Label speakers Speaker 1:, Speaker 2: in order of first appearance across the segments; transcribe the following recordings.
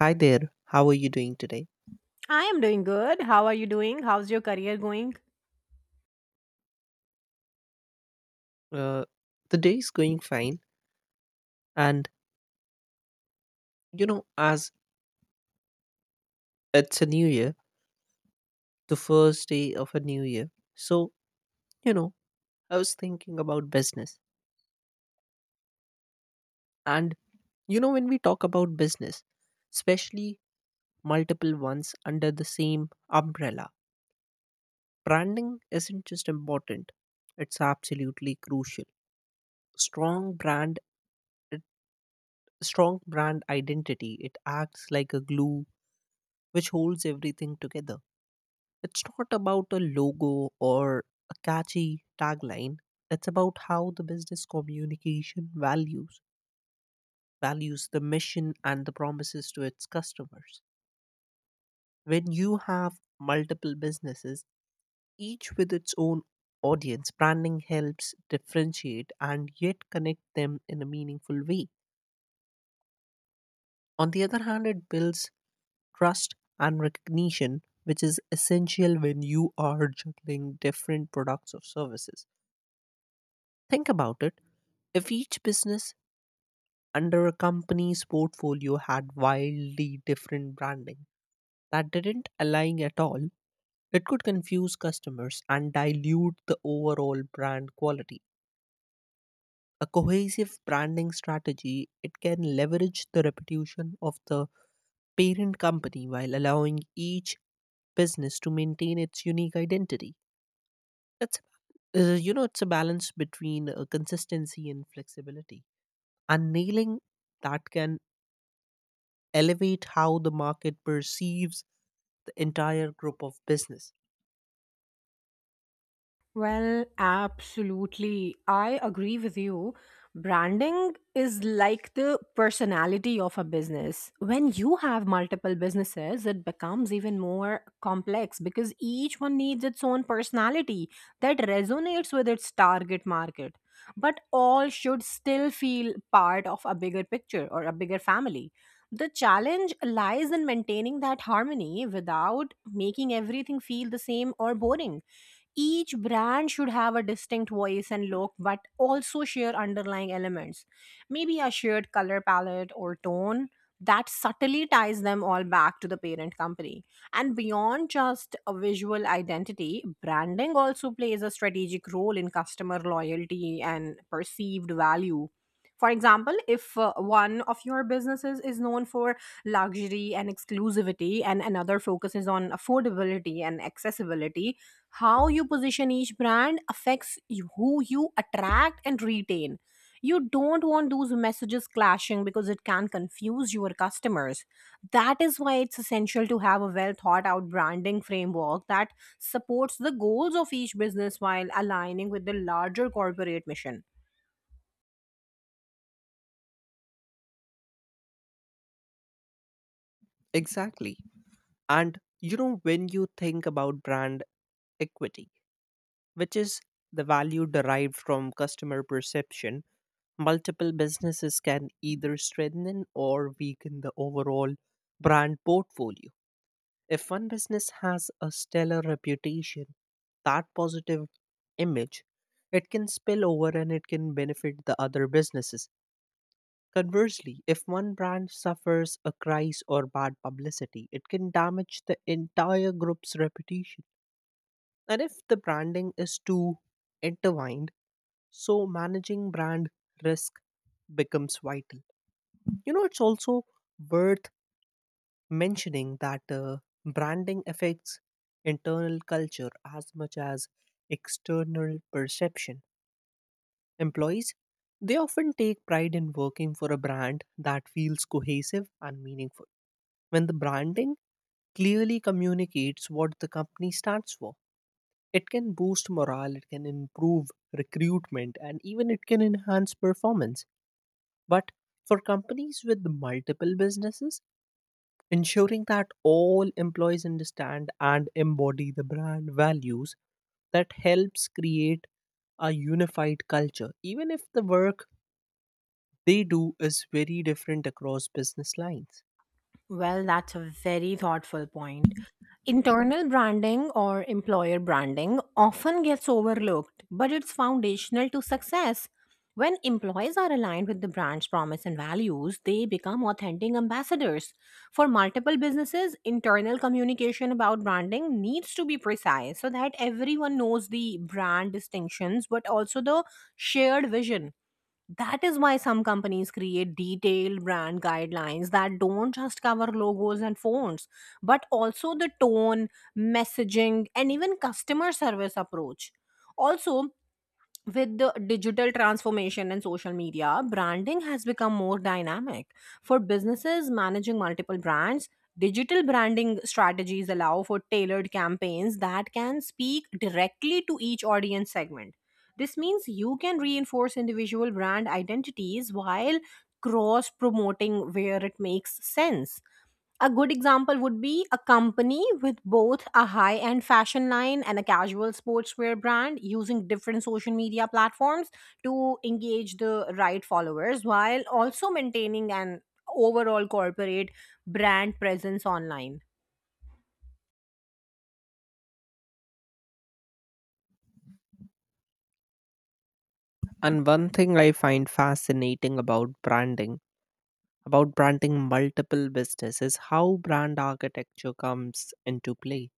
Speaker 1: Hi there, how are you doing today?
Speaker 2: I am doing good. How are you doing? How's your career going?
Speaker 1: Uh, the day is going fine, and as it's a new year, the first day of a new year. You know, I was thinking about business, and when we talk about business, especially multiple ones under the same umbrella, branding isn't just important, it's absolutely crucial. Strong brand, it- Strong brand identity, it acts like a glue which holds everything together. It's not about a logo or a catchy tagline. It's about how the business communication values values the mission and the promises to its customers. When you have multiple businesses, each with its own audience, branding helps differentiate and yet connect them in a meaningful way. On the other hand, it builds trust and recognition, which is essential when you are juggling different products or services. Think about it. If each business under a company's portfolio had wildly different branding that didn't align at all, it could confuse customers and dilute the overall brand quality. A cohesive branding strategy, it can leverage the reputation of the parent company while allowing each business to maintain its unique identity. That's it's a balance between consistency and flexibility, and nailing that can elevate how the market perceives the entire group of business.
Speaker 2: Well, absolutely. I agree with you. Branding is like the personality of a business. When you have multiple businesses, it becomes even more complex because each one needs its own personality that resonates with its target market. But all should still feel part of a bigger picture or a bigger family. The challenge lies in maintaining that harmony without making everything feel the same or boring. Each brand should have a distinct voice and look, but also share underlying elements. Maybe a shared color palette or tone that subtly ties them all back to the parent company. And beyond just a visual identity, branding also plays a strategic role in customer loyalty and perceived value. For example, if one of your businesses is known for luxury and exclusivity, and another focuses on affordability and accessibility, how you position each brand affects who you attract and retain. You don't want those messages clashing because it can confuse your customers. That is why it's essential to have a well thought out branding framework that supports the goals of each business while aligning with the larger corporate mission.
Speaker 1: Exactly. And when you think about brand equity, which is the value derived from customer perception, multiple businesses can either strengthen or weaken the overall brand portfolio. If one business has a stellar reputation, that positive image, it can spill over and it can benefit the other businesses. Conversely, if one brand suffers a crisis or bad publicity, it can damage the entire group's reputation. And if the branding is too intertwined, so managing brand risk becomes vital. It's also worth mentioning that branding affects internal culture as much as external perception. Employees, they often take pride in working for a brand that feels cohesive and meaningful. When the branding clearly communicates what the company stands for, it can boost morale, it can improve recruitment, and even it can enhance performance. But for companies with multiple businesses, ensuring that all employees understand and embody the brand values that helps create a unified culture, even if the work they do is very different across business lines.
Speaker 2: Well, that's a very thoughtful point. Internal branding or employer branding often gets overlooked, but it's foundational to success. When employees are aligned with the brand's promise and values, they become authentic ambassadors. For multiple businesses, internal communication about branding needs to be precise so that everyone knows the brand distinctions but also the shared vision. That is why some companies create detailed brand guidelines that don't just cover logos and fonts, but also the tone, messaging, and even customer service approach. Also, with the digital transformation and social media, branding has become more dynamic. For businesses managing multiple brands, digital branding strategies allow for tailored campaigns that can speak directly to each audience segment. This means you can reinforce individual brand identities while cross promoting where it makes sense. A good example would be a company with both a high end fashion line and a casual sportswear brand using different social media platforms to engage the right followers while also maintaining an overall corporate brand presence online.
Speaker 1: And one thing I find fascinating about branding multiple businesses how brand architecture comes into play.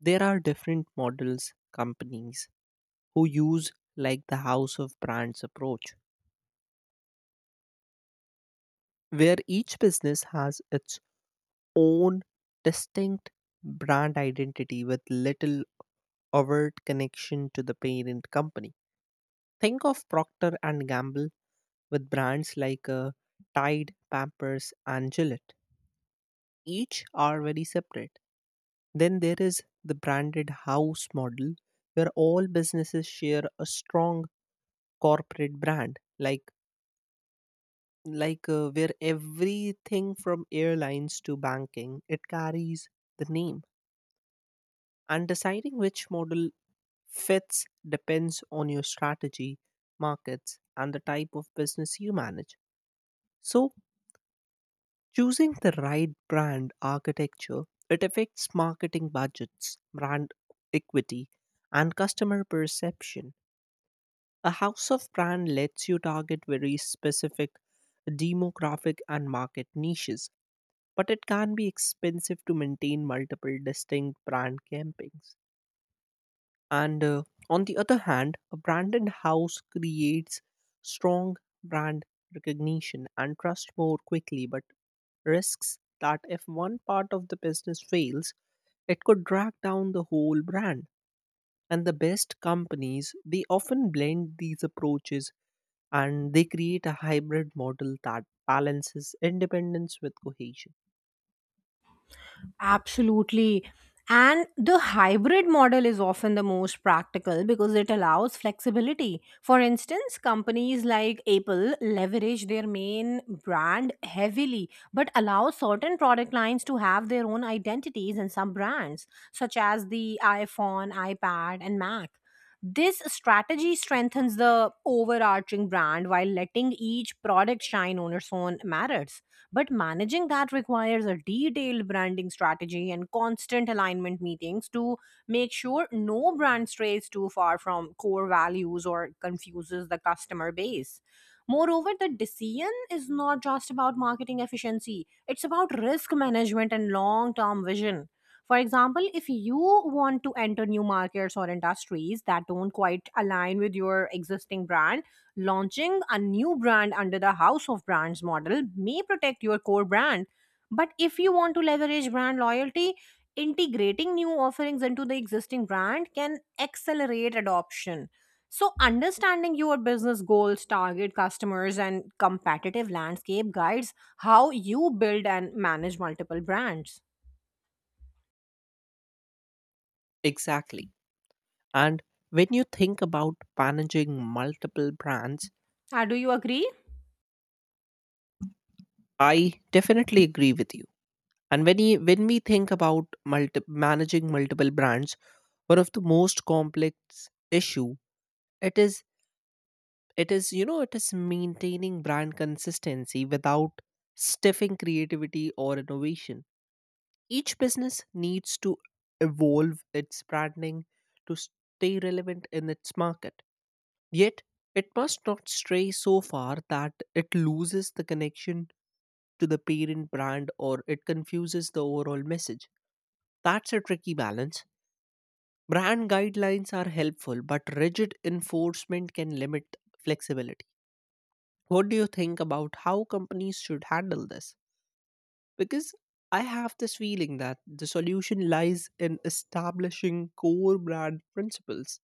Speaker 1: There are different models companies who use, like the house of brands approach where each business has its own distinct brand identity with little overt connection to the parent company. Think of Procter and Gamble with brands like Tide, Pampers and Gillette. Each are very separate. Then there is the branded house model where all businesses share a strong corporate brand, like where everything from airlines to banking it carries the name, and deciding which model fits depends on your strategy, markets and the type of business you manage. So choosing the right brand architecture, it affects marketing budgets, brand equity and customer perception. A house of brand lets you target very specific demographic and market niches, but it can be expensive to maintain multiple distinct brand campaigns. And on the other hand, a branded house creates strong brand recognition and trust more quickly, but risks that if one part of the business fails, it could drag down the whole brand. And the best companies, they often blend these approaches and they create a hybrid model that balances independence with cohesion.
Speaker 2: Absolutely. And the hybrid model is often the most practical because it allows flexibility. For instance, companies like Apple leverage their main brand heavily, but allow certain product lines to have their own identities and sub brands, such as the iPhone, iPad, and Mac. This strategy strengthens the overarching brand while letting each product shine on its own merits. But managing that requires a detailed branding strategy and constant alignment meetings to make sure no brand strays too far from core values or confuses the customer base. Moreover, the decision is not just about marketing efficiency, it's about risk management and long term vision. For example, if you want to enter new markets or industries that don't quite align with your existing brand, launching a new brand under the house of brands model may protect your core brand, but if you want to leverage brand loyalty, integrating new offerings into the existing brand can accelerate adoption. So, understanding your business goals, target customers, and competitive landscape guides how you build and manage multiple brands.
Speaker 1: Exactly. And when you think about managing multiple brands,
Speaker 2: Do you agree?
Speaker 1: I definitely agree with you. And when we think about managing multiple brands, one of the most complex issue it is it is maintaining brand consistency without stiffing creativity or innovation. Each business needs to evolve its branding to stay relevant in its market, yet it must not stray so far that it loses the connection to the parent brand or it confuses the overall message. That's a tricky balance. Brand guidelines are helpful, but rigid enforcement can limit flexibility. What do you think about how companies should handle this? Because I have this feeling that the solution lies in establishing core brand principles,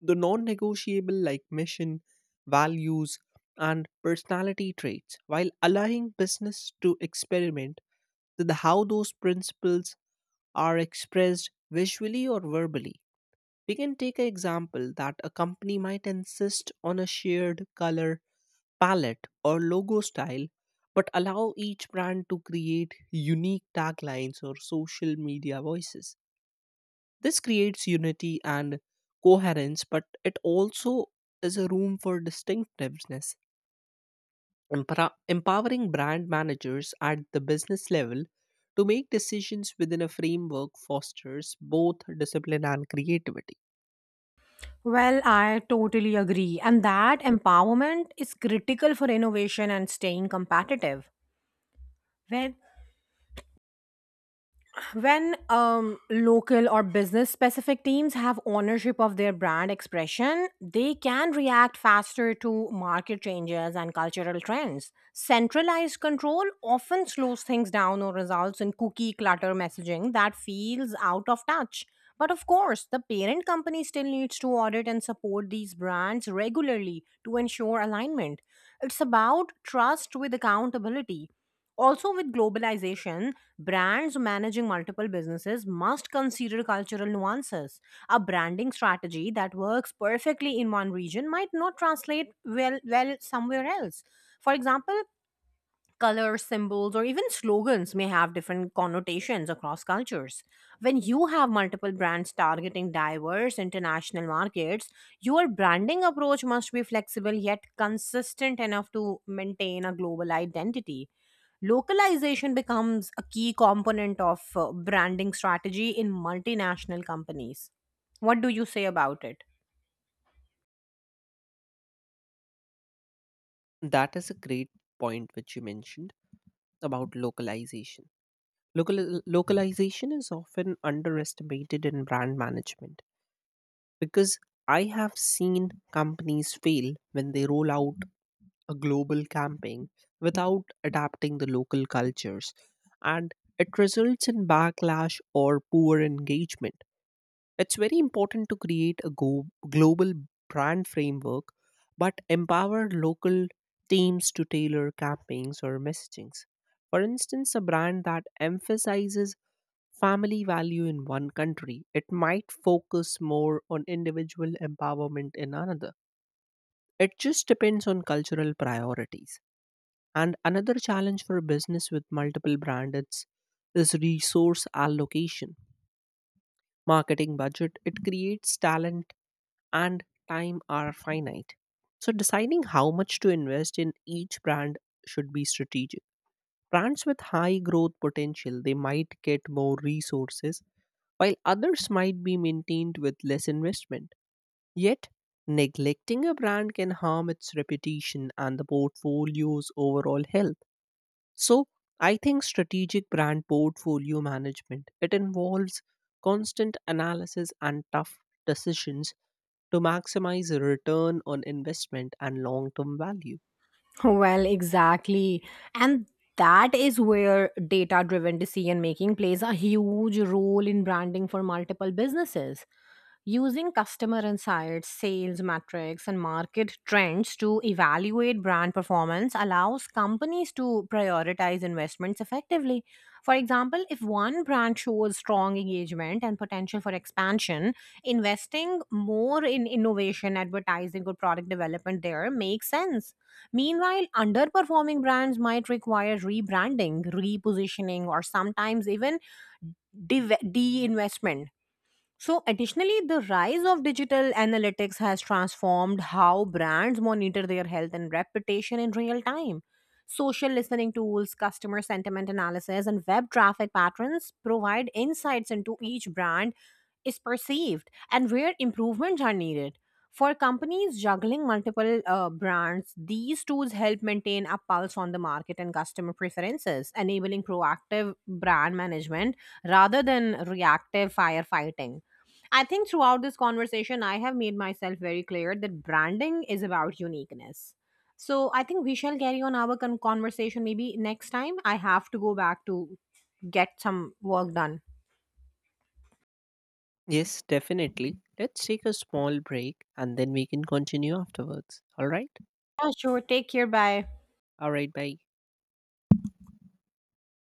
Speaker 1: the non negotiable like mission, values, and personality traits, while allowing business to experiment with how those principles are expressed visually or verbally. We can take an example that a company might insist on a shared color palette or logo style, but allow each brand to create unique taglines or social media voices. This creates unity and coherence, but it also is a room for distinctiveness. Empowering brand managers at the business level to make decisions within a framework fosters both discipline and creativity.
Speaker 2: Well, I totally agree. And that empowerment is critical for innovation and staying competitive. When when local or business specific teams have ownership of their brand expression, they can react faster to market changes and cultural trends. Centralized control often slows things down or results in cookie clutter messaging that feels out of touch. But of course, the parent company still needs to audit and support these brands regularly to ensure alignment. It's about trust with accountability. Also, with globalization, brands managing multiple businesses must consider cultural nuances. A branding strategy that works perfectly in one region might not translate well somewhere else. For example, color symbols or even slogans may have different connotations across cultures. When you have multiple brands targeting diverse international markets, your branding approach must be flexible yet consistent enough to maintain a global identity. Localization becomes a key component of branding strategy in multinational companies. What do you say about it?
Speaker 1: That is a great point which you mentioned about localization. Localization is often underestimated in brand management because I have seen companies fail when they roll out a global campaign without adapting the local cultures, and it results in backlash or poor engagement. It's very important to create a global brand framework but empower local teams to tailor campaigns or messagings. For instance, a brand that emphasizes family value in one country, it might focus more on individual empowerment in another. It just depends on cultural priorities. And another challenge for a business with multiple brands is resource allocation. Marketing budget, it creates talent and time are finite. So deciding how much to invest in each brand should be strategic. Brands with high growth potential, they might get more resources while others might be maintained with less investment. Yet neglecting a brand can harm its reputation and the portfolio's overall health. So I think strategic brand portfolio management, it involves constant analysis and tough decisions to maximize return on investment and long-term value.
Speaker 2: Well, exactly. And that is where data driven decision making plays a huge role in branding for multiple businesses. Using customer insights, sales metrics, and market trends to evaluate brand performance allows companies to prioritize investments effectively. For example, if one brand shows strong engagement and potential for expansion, investing more in innovation, advertising, or product development there makes sense. Meanwhile, underperforming brands might require rebranding, repositioning, or sometimes even deinvestment. So, additionally, the rise of digital analytics has transformed how brands monitor their health and reputation in real time. Social listening tools, customer sentiment analysis, and web traffic patterns provide insights into each brand is perceived and where improvements are needed. For companies juggling multiple brands, these tools help maintain a pulse on the market and customer preferences, enabling proactive brand management rather than reactive firefighting. I think throughout this conversation, I have made myself very clear that branding is about uniqueness. So I think we shall carry on our conversation maybe next time. I have to go back to get some work done.
Speaker 1: Yes, definitely. Let's take a small break and then we can continue afterwards. All right?
Speaker 2: Yeah, sure. Take care. Bye.
Speaker 1: All right, bye.